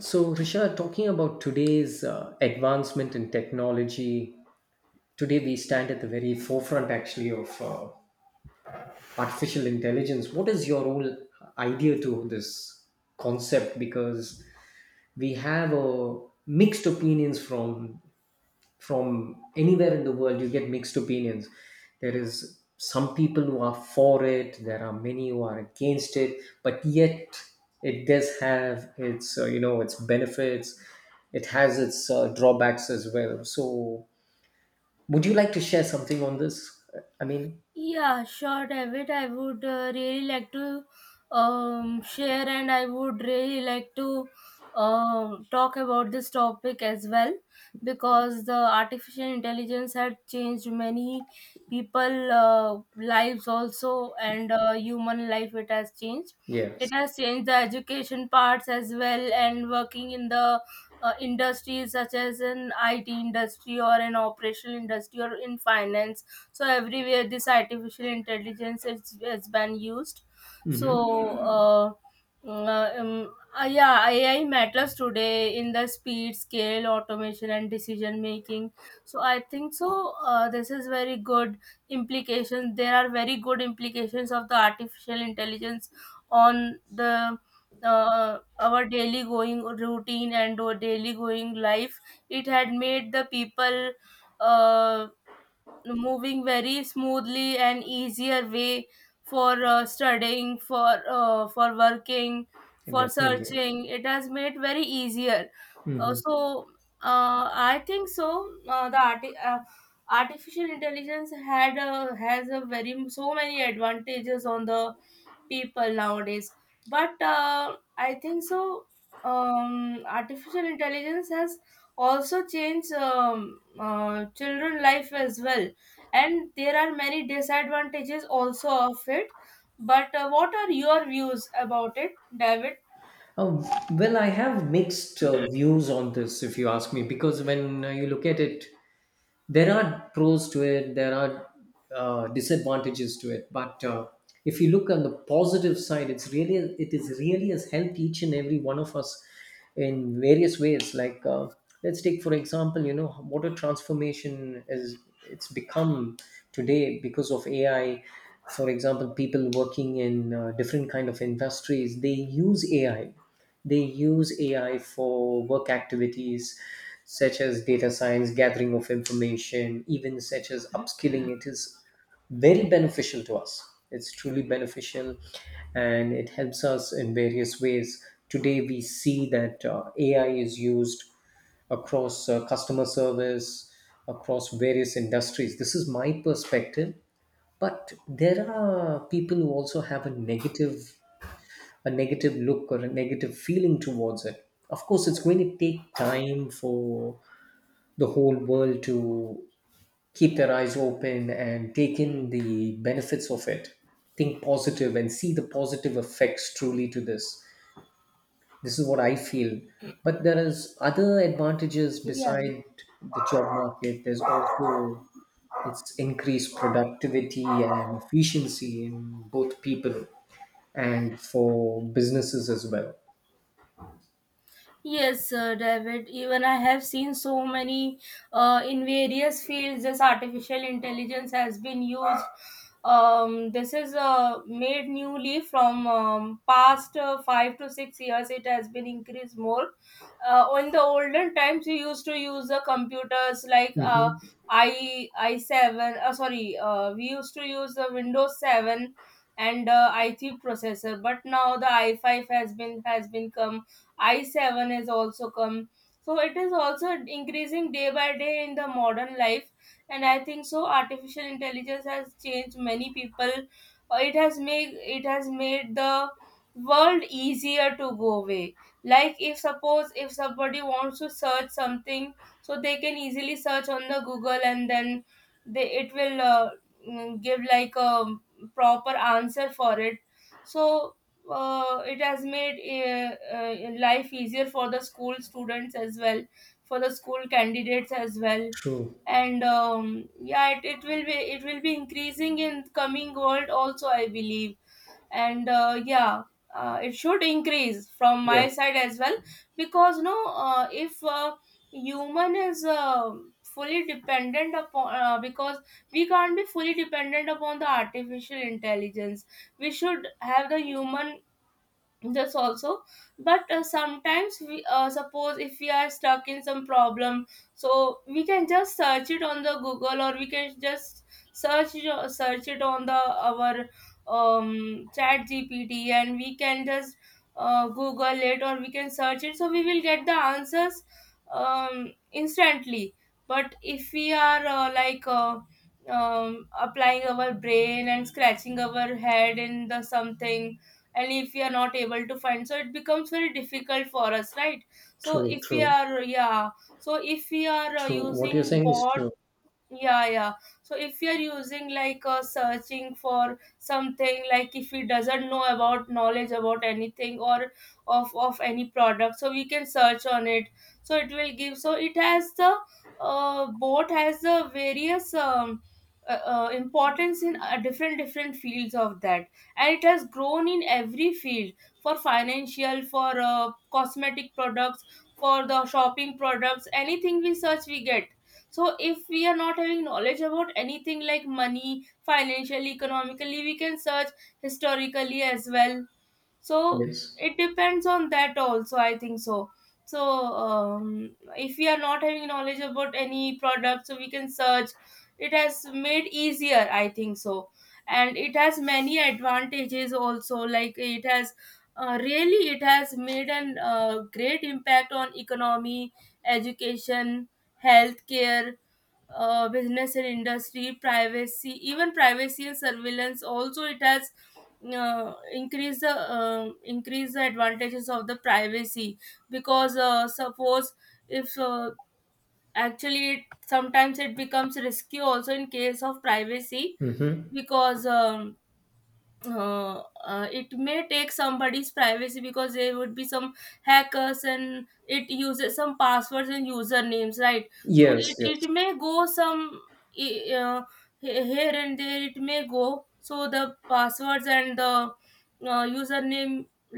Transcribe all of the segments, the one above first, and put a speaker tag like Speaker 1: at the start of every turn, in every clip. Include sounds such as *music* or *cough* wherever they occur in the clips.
Speaker 1: So, Rishad, talking about today's advancement in technology, today we stand at the very forefront actually of artificial intelligence. What is your whole idea to this concept? Because we have mixed opinions from anywhere in the world, you get mixed opinions. There is some people who are for it, there are many who are against it, but yet it does have its its benefits, it has its drawbacks as well. So would you like to share something on this I mean.
Speaker 2: Yeah, sure, David. I would really like to share, and I would really like to talk about this topic as well because the artificial intelligence had changed many people lives also, and human life it has changed.
Speaker 1: Yes.
Speaker 2: It has changed the education parts as well, and working in the industries such as an IT industry or an operational industry or in finance. So everywhere this artificial intelligence has been used.
Speaker 1: Mm-hmm.
Speaker 2: So uh, uh, um, yeah, ai matters today in the speed scale automation and decision making. So I think so, this is very good implications. There are very good implications of the artificial intelligence on the our daily going routine and our daily going life. It had made the people uh, moving very smoothly and easier way for studying, for working, for
Speaker 1: Definitely.
Speaker 2: searching, it has made very easier. uh,
Speaker 1: Hmm.
Speaker 2: so I think so, artificial intelligence has a very so many advantages on the people nowadays. But I think so, artificial intelligence has also changed children life as well, and there are many disadvantages also of it. But what are your views about it, david?
Speaker 1: Oh, well, I have mixed views on this, if you ask me, because when you look at it, there are pros to it, there are disadvantages to it, but if you look on the positive side, it is really has helped each and every one of us in various ways, like let's take, for example, you know what a transformation is, it's become today because of ai. For example, people working in different kind of industries, use ai they use AI for work activities such as data science, gathering of information, even such as upskilling. It is very beneficial to us. It's truly beneficial, and it helps us in various ways. Today, we see that AI is used across customer service, across various industries. This is my perspective, but there are people who also have a negative look or a negative feeling towards it. Of course, it's going to take time for the whole world to keep their eyes open and take in the benefits of it. Think positive and see the positive effects truly to this. This is what I feel. But there is other advantages
Speaker 2: Yeah,
Speaker 1: beside the job market. There's also it's increased productivity and efficiency in both people and for businesses as well.
Speaker 2: yes, David. Even I have seen so many in various fields. This artificial intelligence has been used. This is made newly from past 5 to 6 years. It has been increased more. In the olden times, we used to use the computers like
Speaker 1: Mhm.
Speaker 2: I seven. Sorry, we used to use the Windows seven and i3 processor. But now the i5 has been come, i7 has also come. So it is also increasing day by day in the modern life. And I think so artificial intelligence has changed many people. It has made the world easier to go away. Like if suppose if somebody wants to search something, so they can easily search on the google, and then they it will give like a proper answer for it. So it has made life easier for the school students as well, for the school candidates as well.
Speaker 1: True.
Speaker 2: And yeah, it will be increasing in coming world also, I believe. And yeah, it should increase from
Speaker 1: Yes.
Speaker 2: my side as well, because no if human is fully dependent upon because we can't be fully dependent upon the artificial intelligence. We should have the human this also. But sometimes we suppose if we are stuck in some problem, so we can just search it on the google, or we can just search it on the our chat gpt, and we can just google it, or we can search it, so we will get the answers instantly. But if we are applying our brain and scratching our head in the something, and if we are not able to find, so it becomes very difficult for us, right? So
Speaker 1: True.
Speaker 2: if we
Speaker 1: True.
Speaker 2: are, yeah. So if we are
Speaker 1: True. What you're
Speaker 2: using
Speaker 1: saying is
Speaker 2: bot.
Speaker 1: true.
Speaker 2: Yeah, yeah. So if you're using like searching for something, like if he doesn't know about knowledge about anything, or of any product, so we can search on it. So it will give, so it has the both has the various importance in different different fields of that. And it has grown in every field, for financial, for cosmetic products, for the shopping products, anything we search we get. So if we are not having knowledge about anything like money, financially, economically, we can search historically as well. So
Speaker 1: Yes.
Speaker 2: it depends on that also, I think so. So if we are not having knowledge about any product, so we can search. It has made easier, I think so. And it has many advantages also, like it has really it has made an great impact on economy, education, healthcare, business and industry, privacy, even privacy and surveillance. Also, it has increased the advantages of the privacy, because suppose if actually it, sometimes it becomes risky also in case of privacy,
Speaker 1: Mm-hmm.
Speaker 2: because it may take somebody's privacy, because there would be some hackers and it uses some passwords and usernames, right? So
Speaker 1: Yes.
Speaker 2: it,
Speaker 1: Yes.
Speaker 2: it may go some i- uh, here and there it may go. So the passwords and the username,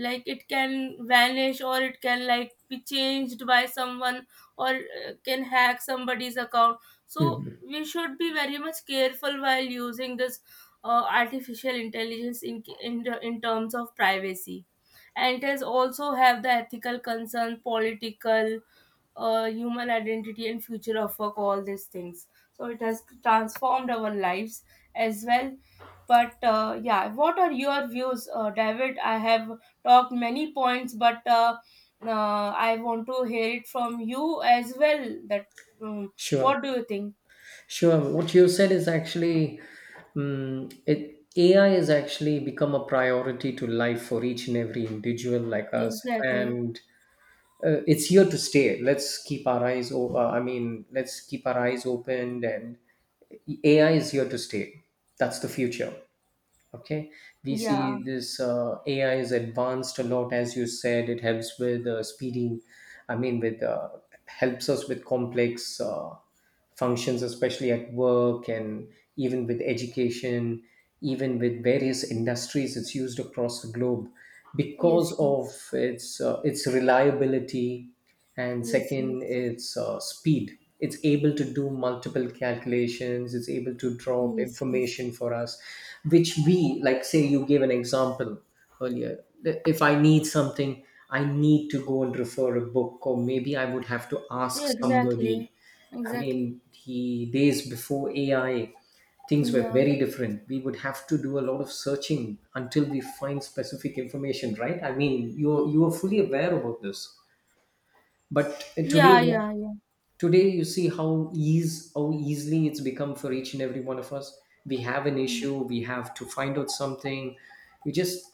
Speaker 2: like it can vanish, or it can like be changed by someone, or can hack somebody's account. So
Speaker 1: Mhm.
Speaker 2: we should be very much careful while using this artificial intelligence in terms of privacy. And it has also have the ethical concern, political, human identity and future of work, all these things, so it has transformed our lives as well. But yeah, what are your views, david? I have talked many points, but I want to hear it from you as well, that
Speaker 1: Sure.
Speaker 2: what do you think?
Speaker 1: Sure. What you said is actually, it AI has actually become a priority to life for each and every individual like us,
Speaker 2: Exactly.
Speaker 1: and it's here to stay. Let's keep our eyes. I mean, let's keep our eyes open, and AI is here to stay. That's the future. Okay, we
Speaker 2: Yeah,
Speaker 1: see this ai is advanced a lot. As you said, it helps with speeding, I mean with helps us with complex functions, especially at work, and even with education, even with various industries. It's used across the globe
Speaker 2: yes,
Speaker 1: because of
Speaker 2: yes.
Speaker 1: its reliability, and
Speaker 2: Yes,
Speaker 1: second,
Speaker 2: yes,
Speaker 1: it's speed. It's able to do multiple calculations, it's able to drop
Speaker 2: yes, yes.
Speaker 1: information for us, which we, like, say, you gave an example earlier. If I need something, I need to go and refer a book, or maybe I would have to
Speaker 2: Yeah,
Speaker 1: ask somebody.
Speaker 2: exactly,
Speaker 1: I
Speaker 2: exactly.
Speaker 1: mean, the days before ai, things were
Speaker 2: Yeah,
Speaker 1: very different. We would have to do a lot of searching until we find specific information, right? I mean, you are fully aware about this. But
Speaker 2: yeah,
Speaker 1: today,
Speaker 2: yeah, yeah,
Speaker 1: you see how ease how easily it's become for each and every one of us. We have an issue, we have to find out something, we just,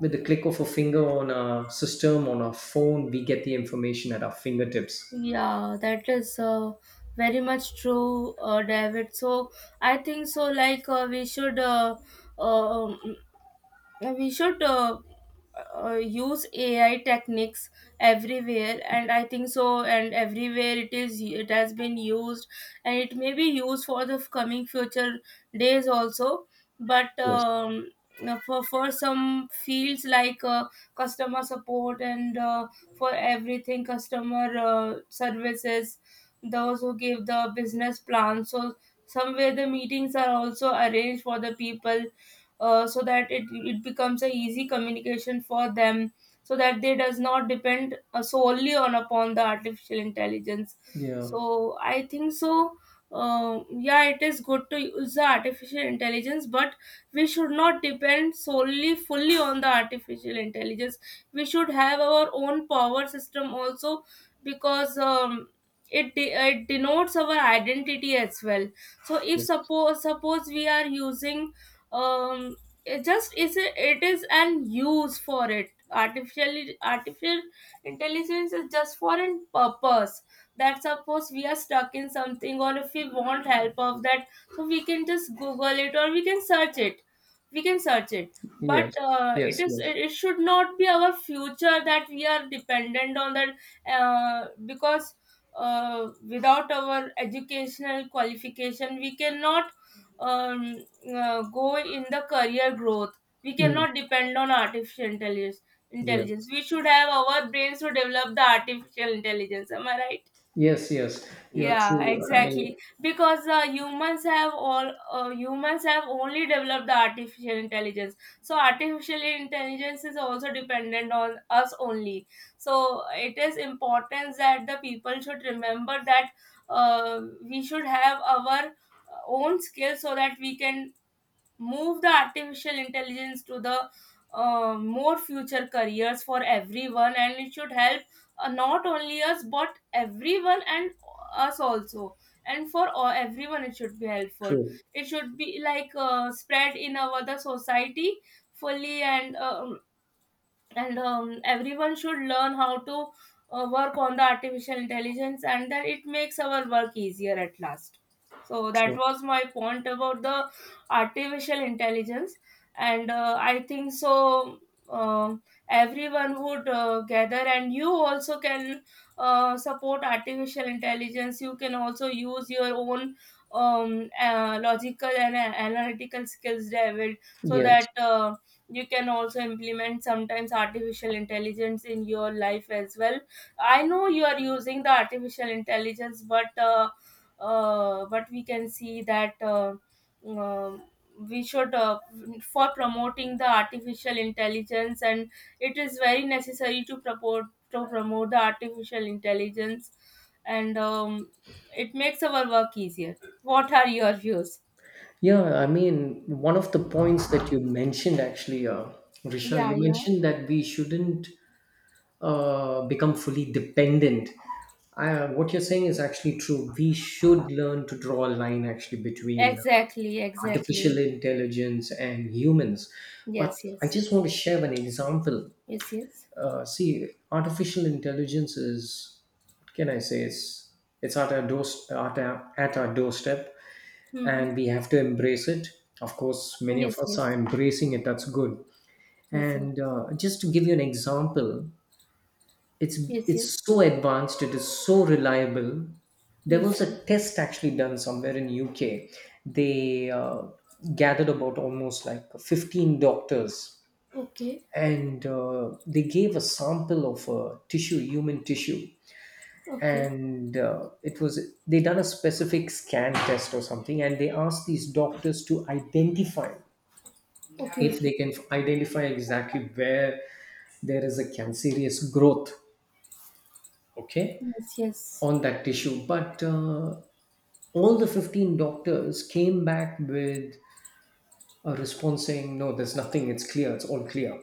Speaker 1: with the click of a finger, on a system, on our phone, we get the information at our fingertips.
Speaker 2: yeah. That is very much true, David. So I think so. Like uh, um we should use ai techniques everywhere, and I think so, and everywhere it is, it has been used, and it may be used for the coming future days also. But
Speaker 1: Yes.
Speaker 2: for some fields like customer support and for everything customer services, those who give the business plan, so somewhere the meetings are also arranged for the people, so that it becomes a easy communication for them, so that they does not depend solely on upon the artificial intelligence.
Speaker 1: Yeah.
Speaker 2: So I think so, yeah, it is good to use the artificial intelligence, but we should not depend solely fully on the artificial intelligence. We should have our own power system also, because it, it denotes our identity as well. So if
Speaker 1: Yes,
Speaker 2: suppose we are using um it just is a, it is an use for it artificial artificial intelligence is just for a purpose, that suppose we are stuck in something, or if we want help of that, so we can just google it, or we can search it. But
Speaker 1: yes,
Speaker 2: uh, it
Speaker 1: yes,
Speaker 2: is
Speaker 1: yes.
Speaker 2: it it should not be our future that we are dependent on that. Because without our educational qualification we cannot um, go in the career growth. We
Speaker 1: Mm.
Speaker 2: cannot depend on artificial intelligence.
Speaker 1: Yes,
Speaker 2: Intelligence. We should have our brains to develop the artificial intelligence. Am I right?
Speaker 1: yes, yes, you're
Speaker 2: Yeah,
Speaker 1: true, I mean.
Speaker 2: exactly. Because humans have only developed the artificial intelligence. So artificial intelligence is also dependent on us only. So it is important that the people should remember that we should have our own skills, so that we can move the artificial intelligence to the more future careers for everyone, and it should help not only us but everyone, and us also, and for all, everyone, it should be helpful.
Speaker 1: True.
Speaker 2: It should be like spread in our the society fully. And everyone should learn how to work on the artificial intelligence, and that it makes our work easier at last. So that
Speaker 1: True.
Speaker 2: was my point about the artificial intelligence. And I think so, um, everyone would gather, and you also can support artificial intelligence. You can also use your own logical and analytical skills, david, so
Speaker 1: Yes.
Speaker 2: that you can also implement sometimes artificial intelligence in your life as well. I know you are using the artificial intelligence, but we can see that um we should for promoting the artificial intelligence, and it is very necessary to promote the artificial intelligence. And it makes our work easier. What are your views?
Speaker 1: Yeah, I mean, one of the points that you mentioned actually, Risha, you
Speaker 2: Yeah, yeah.
Speaker 1: mentioned that we shouldn't become fully dependent. What you're saying is actually true. We should learn to draw a line actually between
Speaker 2: Exactly,
Speaker 1: artificial
Speaker 2: exactly.
Speaker 1: intelligence and humans. But
Speaker 2: Yes,
Speaker 1: I
Speaker 2: yes.
Speaker 1: just want to share an example.
Speaker 2: Yes, yes.
Speaker 1: See, artificial intelligence is, what can I say, it's at our doorstep,
Speaker 2: Mm-hmm.
Speaker 1: and we have to embrace it. Of course, many of
Speaker 2: Yes,
Speaker 1: us
Speaker 2: yes.
Speaker 1: are embracing it. That's good.
Speaker 2: Yes, yes.
Speaker 1: And just to give you an example, it's
Speaker 2: Yes, yes.
Speaker 1: it's so advanced. It is so reliable. There was
Speaker 2: Yes,
Speaker 1: a
Speaker 2: yes.
Speaker 1: test actually done somewhere in UK. They gathered about almost like 15 doctors,
Speaker 2: Okay.
Speaker 1: and they gave a sample of tissue, human tissue,
Speaker 2: Okay.
Speaker 1: and it was they done a specific scan test or something, and they asked these doctors to identify
Speaker 2: Okay,
Speaker 1: if
Speaker 2: okay.
Speaker 1: they can identify exactly where there is a cancerous growth, okay,
Speaker 2: Yes, yes.
Speaker 1: on that tissue. But all the 15 doctors came back with a response saying, no, there's nothing, it's clear, it's all clear.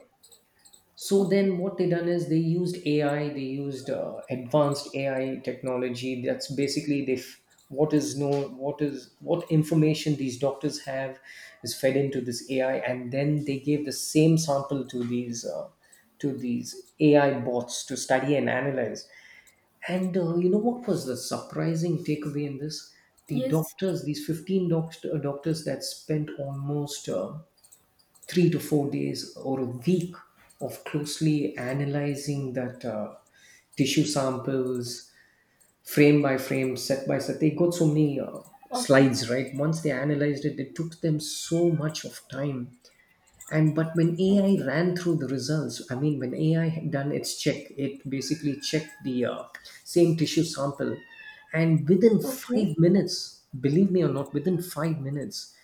Speaker 1: So
Speaker 2: Okay.
Speaker 1: then, what they done is they used AI, they used advanced AI technology. That's basically they f- what is known, what is what information these doctors have is fed into this AI, and then they gave the same sample to these to these AI bots to study and analyze. And you know what was the surprising takeaway in this? The
Speaker 2: Yes.
Speaker 1: doctors, these doctors that spent almost 3 to 4 days or a week of closely analyzing that tissue samples, frame by frame, set by set, they got so many
Speaker 2: Okay.
Speaker 1: slides, right? Once they analyzed it, it took them so much of time. And but when ai
Speaker 2: Okay.
Speaker 1: ran through the results, I mean, when ai had done its check, it basically checked the same tissue sample, and within
Speaker 2: Okay.
Speaker 1: 5 minutes, believe me or not, within 5 minutes,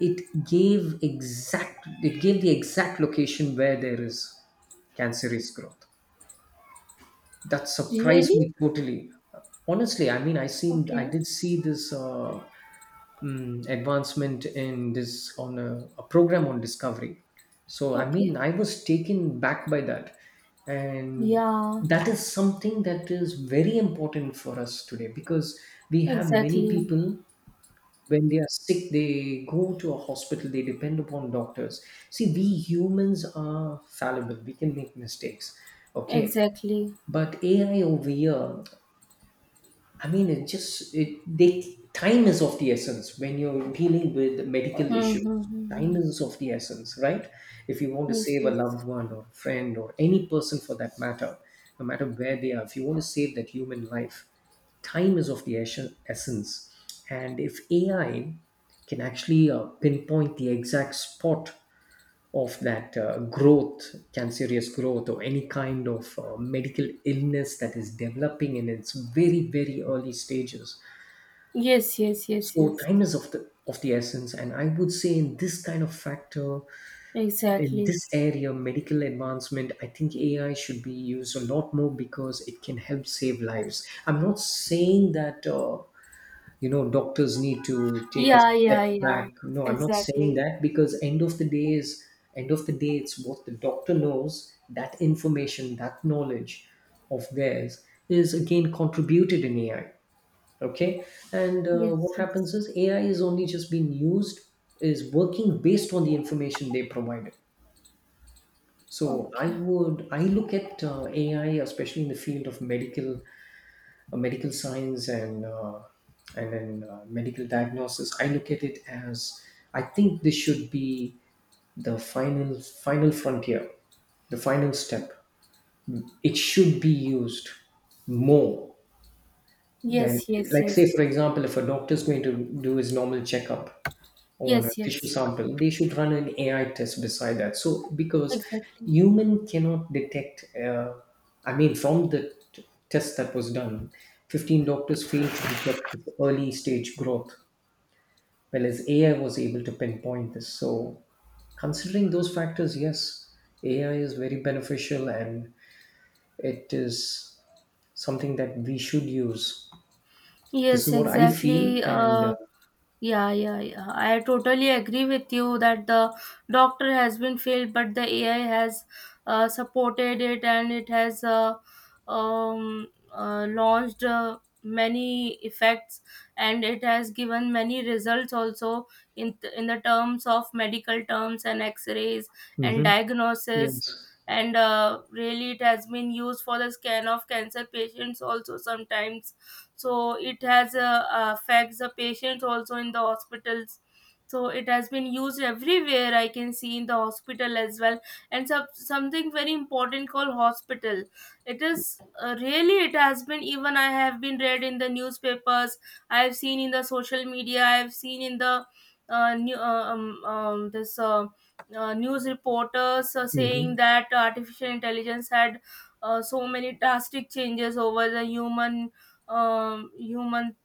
Speaker 1: it gave the exact location where there is cancerous growth. That surprised
Speaker 2: Really?
Speaker 1: me totally, honestly. I mean, I
Speaker 2: Okay.
Speaker 1: did see this advancement in this on a program on Discovery. So I
Speaker 2: Okay.
Speaker 1: mean, I was taken back by that. And
Speaker 2: Yeah.
Speaker 1: that is something that is very important for us today, because we have many
Speaker 2: Exactly.
Speaker 1: people, when they are sick, they go to a hospital, they depend upon doctors. See, we humans are fallible, we can make mistakes, okay?
Speaker 2: Exactly.
Speaker 1: But ai over here, I mean, it just it they time is of the essence when you're dealing with medical issues.
Speaker 2: Mm-hmm.
Speaker 1: Time
Speaker 2: Mm-hmm.
Speaker 1: is of the essence, right? If you want to
Speaker 2: Yes,
Speaker 1: save a
Speaker 2: yes.
Speaker 1: loved one or a friend or any person for that matter, no matter where they are, if you want to save that human life, time is of the essence. And if AI can actually pinpoint the exact spot of that growth, cancerous growth, or any kind of medical illness that is developing in its very, very early stages.
Speaker 2: Yes, yes, yes,
Speaker 1: So
Speaker 2: yes.
Speaker 1: time is of the essence, and I would say in this kind of factor, in
Speaker 2: Exactly.
Speaker 1: this area, medical advancement, I think AI should be used a lot more because it can help save
Speaker 2: Okay.
Speaker 1: lives. I'm not saying that, you know, doctors need to take a
Speaker 2: Yeah,
Speaker 1: step
Speaker 2: yeah,
Speaker 1: back.
Speaker 2: yeah.
Speaker 1: No, I'm not saying
Speaker 2: Exactly.
Speaker 1: that, because end of the day, it's what the doctor knows, that information, that knowledge of theirs is again contributed in ai, okay. And what
Speaker 2: Yes,
Speaker 1: happens
Speaker 2: yes.
Speaker 1: is, ai is only just being used, is working based on the information they provided. So I
Speaker 2: Okay.
Speaker 1: would, I look at ai, especially in the field of medical, science, and then medical diagnosis, I look at it as, I think this should be the final frontier, the final step. It should be used more then,
Speaker 2: Yes, yes,
Speaker 1: like,
Speaker 2: yes.
Speaker 1: say, for example, if a doctor's going to do his normal checkup on a
Speaker 2: Yes,
Speaker 1: tissue
Speaker 2: yes,
Speaker 1: sample, they should run an AI test beside that. So, because
Speaker 2: exactly.
Speaker 1: human cannot detect, I mean, from the test that was done, 15 doctors failed to detect this early stage growth, whereas AI was able to pinpoint this. So, considering those factors, yes, AI is very beneficial, and it is something that we should use. This
Speaker 2: Yes,
Speaker 1: is what I feel,
Speaker 2: exactly.
Speaker 1: and uh.
Speaker 2: Yeah, yeah, yeah. I totally agree with you that the doctor has been failed, but the AI has supported it and it has launched many effects, and it has given many results also in in the terms of medical terms and X-rays and
Speaker 1: Hmm.
Speaker 2: diagnosis.
Speaker 1: Yes.
Speaker 2: And really, it has been used for the scan of cancer patients also sometimes, so it has affects the patients also in the hospitals. So it has been used everywhere, I can see, in the hospital as well. And something very important called hospital. It is really, it has been, even I have been read in the newspapers, I have seen in the social media, I have seen in the this news reporters are
Speaker 1: Hmm.
Speaker 2: saying that artificial intelligence had so many drastic changes over the human, um, human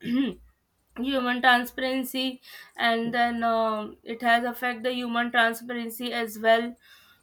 Speaker 2: *clears throat* human transparency. And then it has affect the human transparency as well.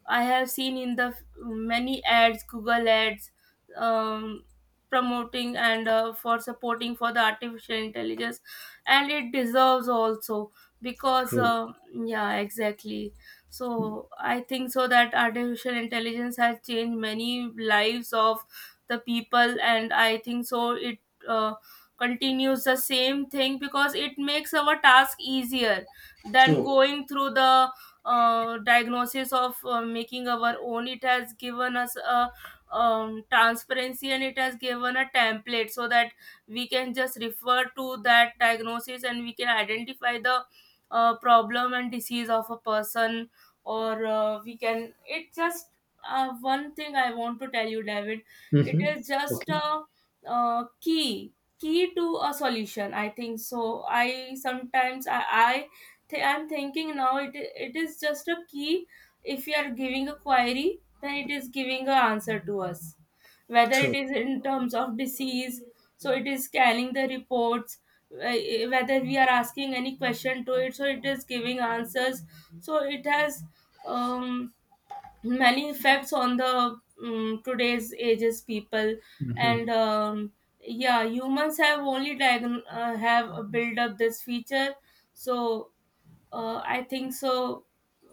Speaker 2: I have seen in the many ads, Google ads, um, promoting and for supporting for the artificial intelligence, and it deserves also, because
Speaker 1: True.
Speaker 2: yeah, exactly. So I think so that artificial intelligence has changed many lives of the people, and I think so it uh, continues the same thing, because it makes our task easier than
Speaker 1: True.
Speaker 2: going through the diagnosis of making our own. It has given us a transparency, and it has given a template so that we can just refer to that diagnosis, and we can identify the problem and disease of a person. Or we can, it just, one thing I want to tell you, David, it
Speaker 1: Hmm.
Speaker 2: is just
Speaker 1: Okay.
Speaker 2: a uh, key key to a solution, I think so. I sometimes I I'm thinking now, it is just a key. If you are giving a query, then it is giving an answer to us. Whether it
Speaker 1: True.
Speaker 2: is in terms of disease, so it is scanning the reports. uh, Whether we are asking any question to it, so it is giving answers. So it has um, many effects on the today's ages people, and yeah, humans have only have built up this feature. So I think so.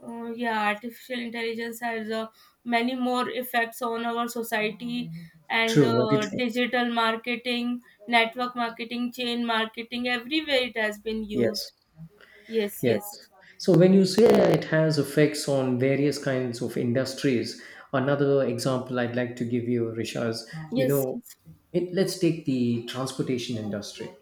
Speaker 2: Yeah, artificial intelligence has many more effects on our society, and
Speaker 1: True, very true.
Speaker 2: digital marketing, network marketing, chain marketing. Everywhere it has been
Speaker 1: Yes,
Speaker 2: used. Yes,
Speaker 1: yes.
Speaker 2: yes,
Speaker 1: So when you
Speaker 2: yes,
Speaker 1: say it has effects on various kinds of industries, another example I'd like to give you, Rishaz, you
Speaker 2: yes.
Speaker 1: know,
Speaker 2: Yes.
Speaker 1: let's take the transportation industry.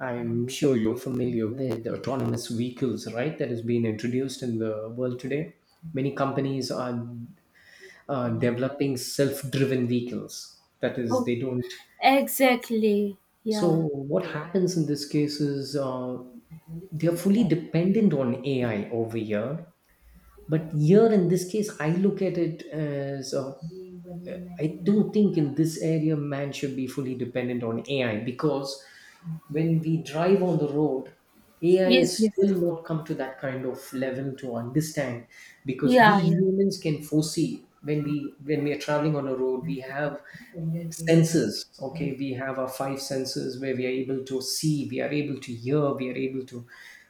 Speaker 1: I'm sure you're familiar with autonomous vehicles, right? That has been introduced in the world today. Many companies are developing self-driven vehicles. That is,
Speaker 2: Oh,
Speaker 1: they don't.
Speaker 2: exactly.
Speaker 1: So
Speaker 2: Yeah.
Speaker 1: what happens in this case is they are fully dependent on AI over here. But here in this case, I look at it as I don't think in this area man should be fully dependent on AI, because when we drive on the road, AI
Speaker 2: Yes.
Speaker 1: has
Speaker 2: Yes.
Speaker 1: still not come to that kind of level to understand. Because we
Speaker 2: Yeah. Yeah.
Speaker 1: humans can foresee, when we are traveling on a road, we have senses. Okay, we have our five senses, where we are able to see, we are able to hear, we are able to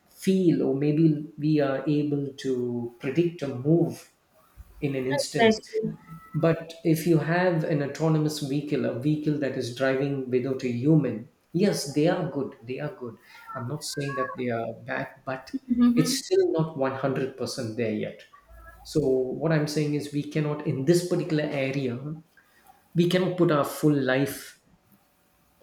Speaker 1: feel, or maybe we are able to predict a move in an instance.
Speaker 2: Exactly.
Speaker 1: But if you have an autonomous vehicle, a vehicle that is driving without a human, yes, they are good. I'm not saying that they are bad, but it's
Speaker 2: Mm-hmm.
Speaker 1: still not 100% there yet. So what I'm saying is, we cannot, in this particular area, we cannot put our full life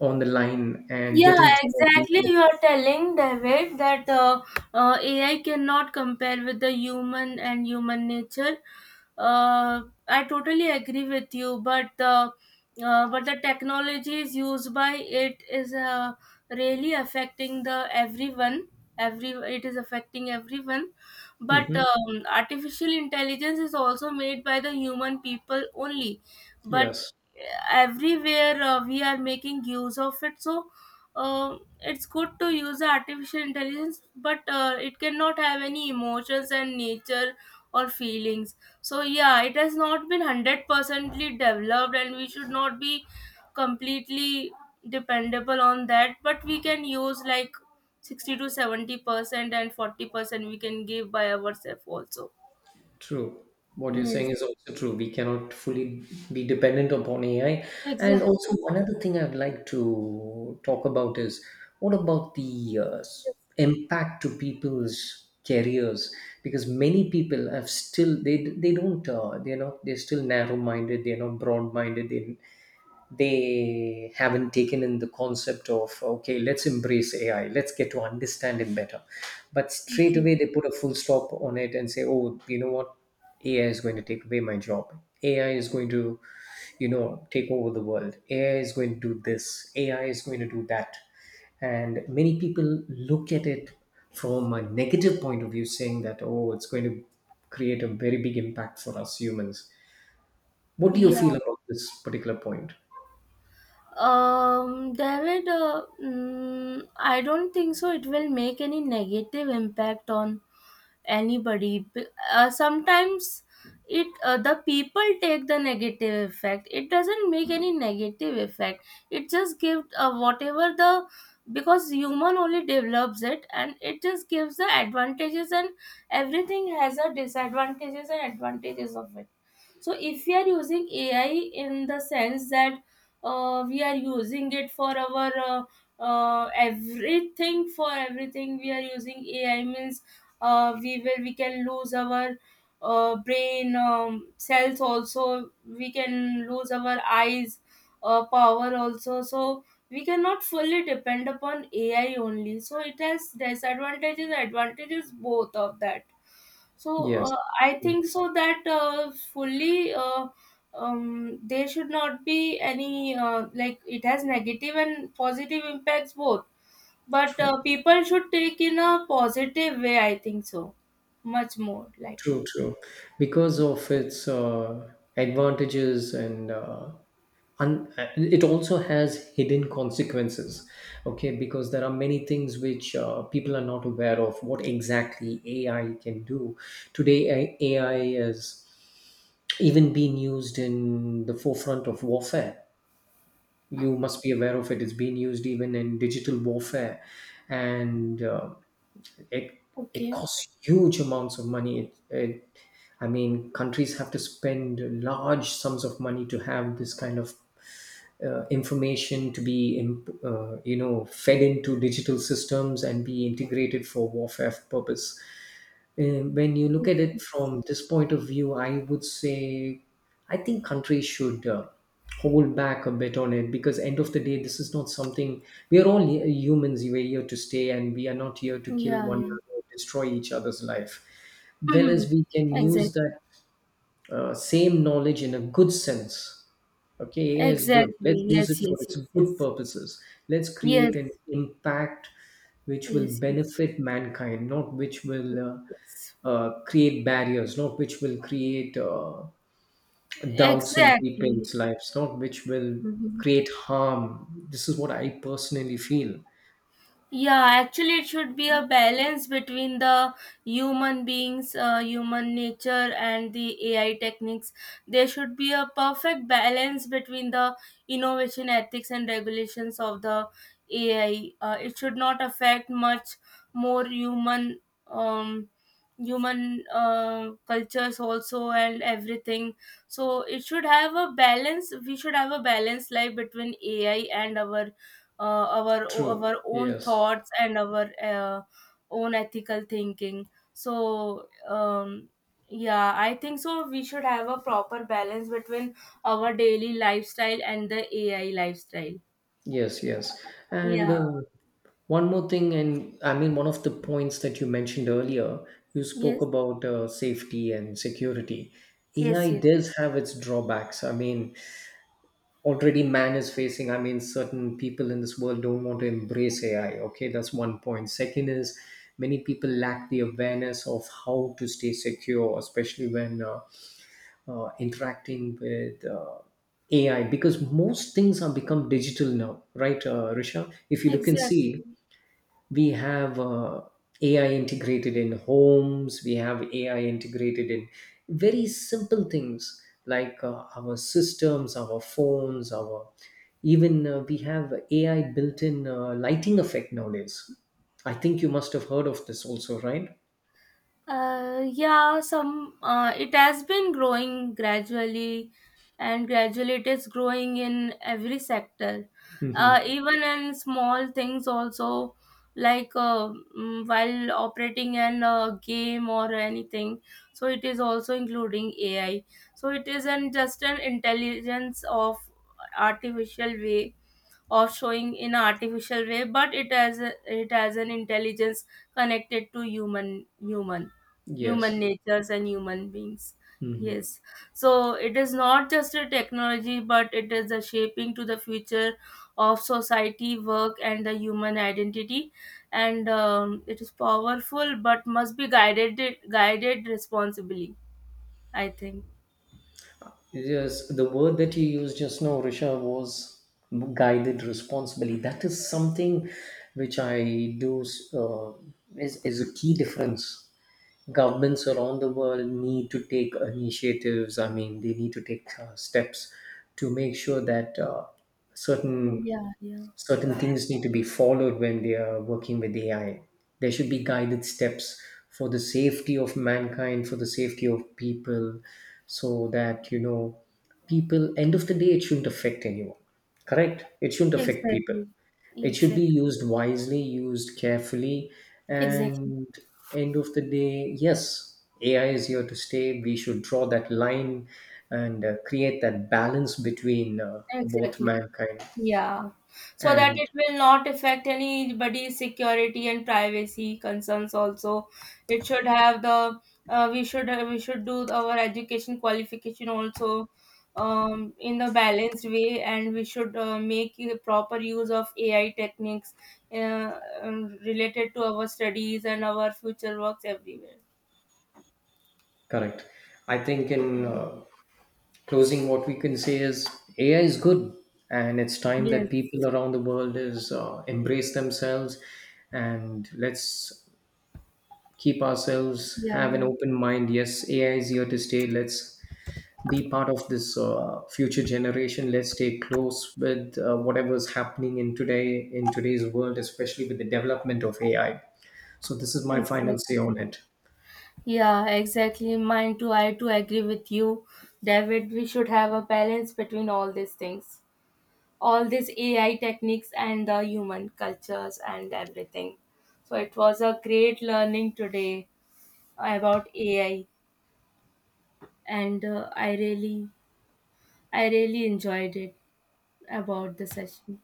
Speaker 1: on the line and
Speaker 2: Yeah,
Speaker 1: get into
Speaker 2: exactly.
Speaker 1: a
Speaker 2: You are telling David that AI cannot compare with the human and human nature. Uh, I totally agree with you, but the technologies used by it is really affecting the everyone. Every It is affecting everyone, but
Speaker 1: mm-hmm.
Speaker 2: artificial intelligence is also made by the human people only. But
Speaker 1: Yes,
Speaker 2: everywhere we are making use of it, so it's good to use the artificial intelligence, but it cannot have any emotions and nature or feelings. So yeah, it has not been hundred percently developed, and we should not be completely dependable on that. But we can use like 60 to 70%, and 40% we can give by ourselves also.
Speaker 1: true, what you're saying is
Speaker 2: Yes,
Speaker 1: also true. We cannot fully be dependent upon AI. And
Speaker 2: exactly.
Speaker 1: also, one other thing I'd like to talk about is, what about the
Speaker 2: Yes.
Speaker 1: impact to people's careers? Because many people have still, they don't, they're not they're still narrow minded, they're not broad minded. They haven't taken in the concept of, okay, let's embrace AI, let's get to understand it better. But
Speaker 2: Thank
Speaker 1: straight
Speaker 2: you.
Speaker 1: away they put a full stop on it and say, oh, you know what, AI is going to take away my job, AI is going to, you know, take over the world, AI is going to do this, AI is going to do that. And many people look at it from a negative point of view, saying that, oh, it's going to create a very big impact for us humans. What do you
Speaker 2: Yeah.
Speaker 1: feel about this particular point?
Speaker 2: David, I don't think so. It will make any negative impact on anybody. Sometimes it the people take the negative effect. It doesn't make any negative effect. It just gives whatever the, because human only develops it, and it just gives the advantages. And everything has a disadvantages and advantages of it. So if we are using AI in the sense that we are using it for our everything, for everything we are using AI means we will, we can lose our brain cells also, we can lose our eyes power also. So we cannot fully depend upon AI only, so it has disadvantages, advantages, both of that. So
Speaker 1: Yes.
Speaker 2: I
Speaker 1: Mm.
Speaker 2: think so that fully there should not be any like, it has negative and positive impacts both. But
Speaker 1: True,
Speaker 2: people should take in a positive way, I think so, much more likely.
Speaker 1: true, true. Because of its advantages and it also has hidden consequences. Okay, because there are many things which people are not aware of what exactly AI can do. Today, AI is even being used in the forefront of warfare. You must be aware of it. It's being used even in digital warfare, and It it
Speaker 2: Okay.
Speaker 1: costs huge amounts of money. It I mean, countries have to spend large sums of money to have this kind of information to be you know, fed into digital systems and be integrated for warfare purpose. And when you look
Speaker 2: Yes,
Speaker 1: at it
Speaker 2: yes.
Speaker 1: from this point of view, I would say I think countries should hold back a bit on it, because end of the day, this is not something, we are all humans. We're here to stay, and we are not here to kill
Speaker 2: Yeah,
Speaker 1: one
Speaker 2: yeah. *laughs*
Speaker 1: another, destroy each other's life. Well,
Speaker 2: Mhm.
Speaker 1: as we can use
Speaker 2: Exactly.
Speaker 1: that same knowledge in a good sense. Okay, AI is good. Let's
Speaker 2: Exactly.
Speaker 1: use it
Speaker 2: Yes,
Speaker 1: for
Speaker 2: yes,
Speaker 1: its
Speaker 2: yes,
Speaker 1: good
Speaker 2: yes.
Speaker 1: purposes. Let's create
Speaker 2: Yes,
Speaker 1: an impact which will
Speaker 2: yes, yes,
Speaker 1: benefit mankind, not which will
Speaker 2: yes.
Speaker 1: create barriers, not which will create doubts in
Speaker 2: Exactly.
Speaker 1: people's lives, not which will
Speaker 2: Mhm.
Speaker 1: create harm. This is what I personally feel.
Speaker 2: Yeah, actually, it should be a balance between the human beings, human nature, and the AI techniques. There should be a perfect balance between the innovation ethics and regulations of the AI. It should not affect much more human, um, cultures also and everything. So it should have a balance, we should have a balanced life between AI and our our
Speaker 1: True.
Speaker 2: own
Speaker 1: Yes.
Speaker 2: thoughts and our own ethical thinking. So yeah, I think so, we should have a proper balance between our daily lifestyle and the AI lifestyle.
Speaker 1: Yes, yes. And
Speaker 2: Yeah.
Speaker 1: one more thing, and I mean, one of the points that you mentioned earlier, you spoke
Speaker 2: Yes,
Speaker 1: about safety and security. AI
Speaker 2: yes, yes,
Speaker 1: does have its drawbacks. I mean, already man is facing, I mean, certain people in this world don't want to embrace AI. Okay, that's one point. Second is, many people lack the awareness of how to stay secure, especially when interacting with AI, because most things have become digital now, right, Risha? If you look and
Speaker 2: exactly.
Speaker 1: see, we have AI integrated in homes, we have AI integrated in very simple things like our systems, our phones, our even we have AI built in lighting effect nowadays. I think you must have heard of this also, right?
Speaker 2: Yeah, some, it has been growing gradually, and gradually it is growing in every sector,
Speaker 1: Hmm.
Speaker 2: even in small things also, like while operating an game or anything. So it is also including AI. So it isn't just an intelligence of artificial way of showing in an artificial way, but it has a, it has an intelligence connected to human
Speaker 1: Yes.
Speaker 2: natures and human beings.
Speaker 1: Mhm.
Speaker 2: Yes. So it is not just a technology, but it is the shaping to the future of society, work, and the human identity. And it is powerful, but must be guided responsibly, I think.
Speaker 1: Yes, the word that you used just now, Risha, was guided responsibly. That is something which I do uh, is a key difference. Governments around the world need to take initiatives. I mean, they need to take steps to make sure that certain
Speaker 2: Yeah, yeah.
Speaker 1: certain things need to be followed when they are working with AI. There should be guided steps for the safety of mankind, for the safety of people, so that, you know, people, end of the day, it shouldn't affect anyone. Correct? It shouldn't affect people.
Speaker 2: Exactly.
Speaker 1: It should be
Speaker 2: Exactly.
Speaker 1: used wisely, used carefully.
Speaker 2: Exactly.
Speaker 1: And end of the day, yes, AI is here to stay. We should draw that line and create that balance between both
Speaker 2: Exactly.
Speaker 1: mankind
Speaker 2: Yeah, so that it
Speaker 1: and.
Speaker 2: will not affect anybody's security and privacy concerns also. It should have the we should do our education qualification also, in the balanced way, and we should make a proper use of AI techniques related to our studies and our future works everywhere.
Speaker 1: Correct. I think in
Speaker 2: Yeah.
Speaker 1: closing, what we can say is, AI is good, and it's time that
Speaker 2: Yes.
Speaker 1: people around the world is embrace themselves, and let's keep ourselves
Speaker 2: Yeah.
Speaker 1: have an
Speaker 2: Yeah.
Speaker 1: open mind. Yes, AI is here to stay. Let's be part of this future generation. Let's stay close with whatever is happening in today's world, especially with the development of AI. So this is my final say on
Speaker 2: Exactly.
Speaker 1: it.
Speaker 2: Yeah, exactly. Mine too. I too agree with you, David. We should have a balance between all these things, all these AI techniques and the human cultures and everything. So it was a great learning today about AI, and I really enjoyed it about the session.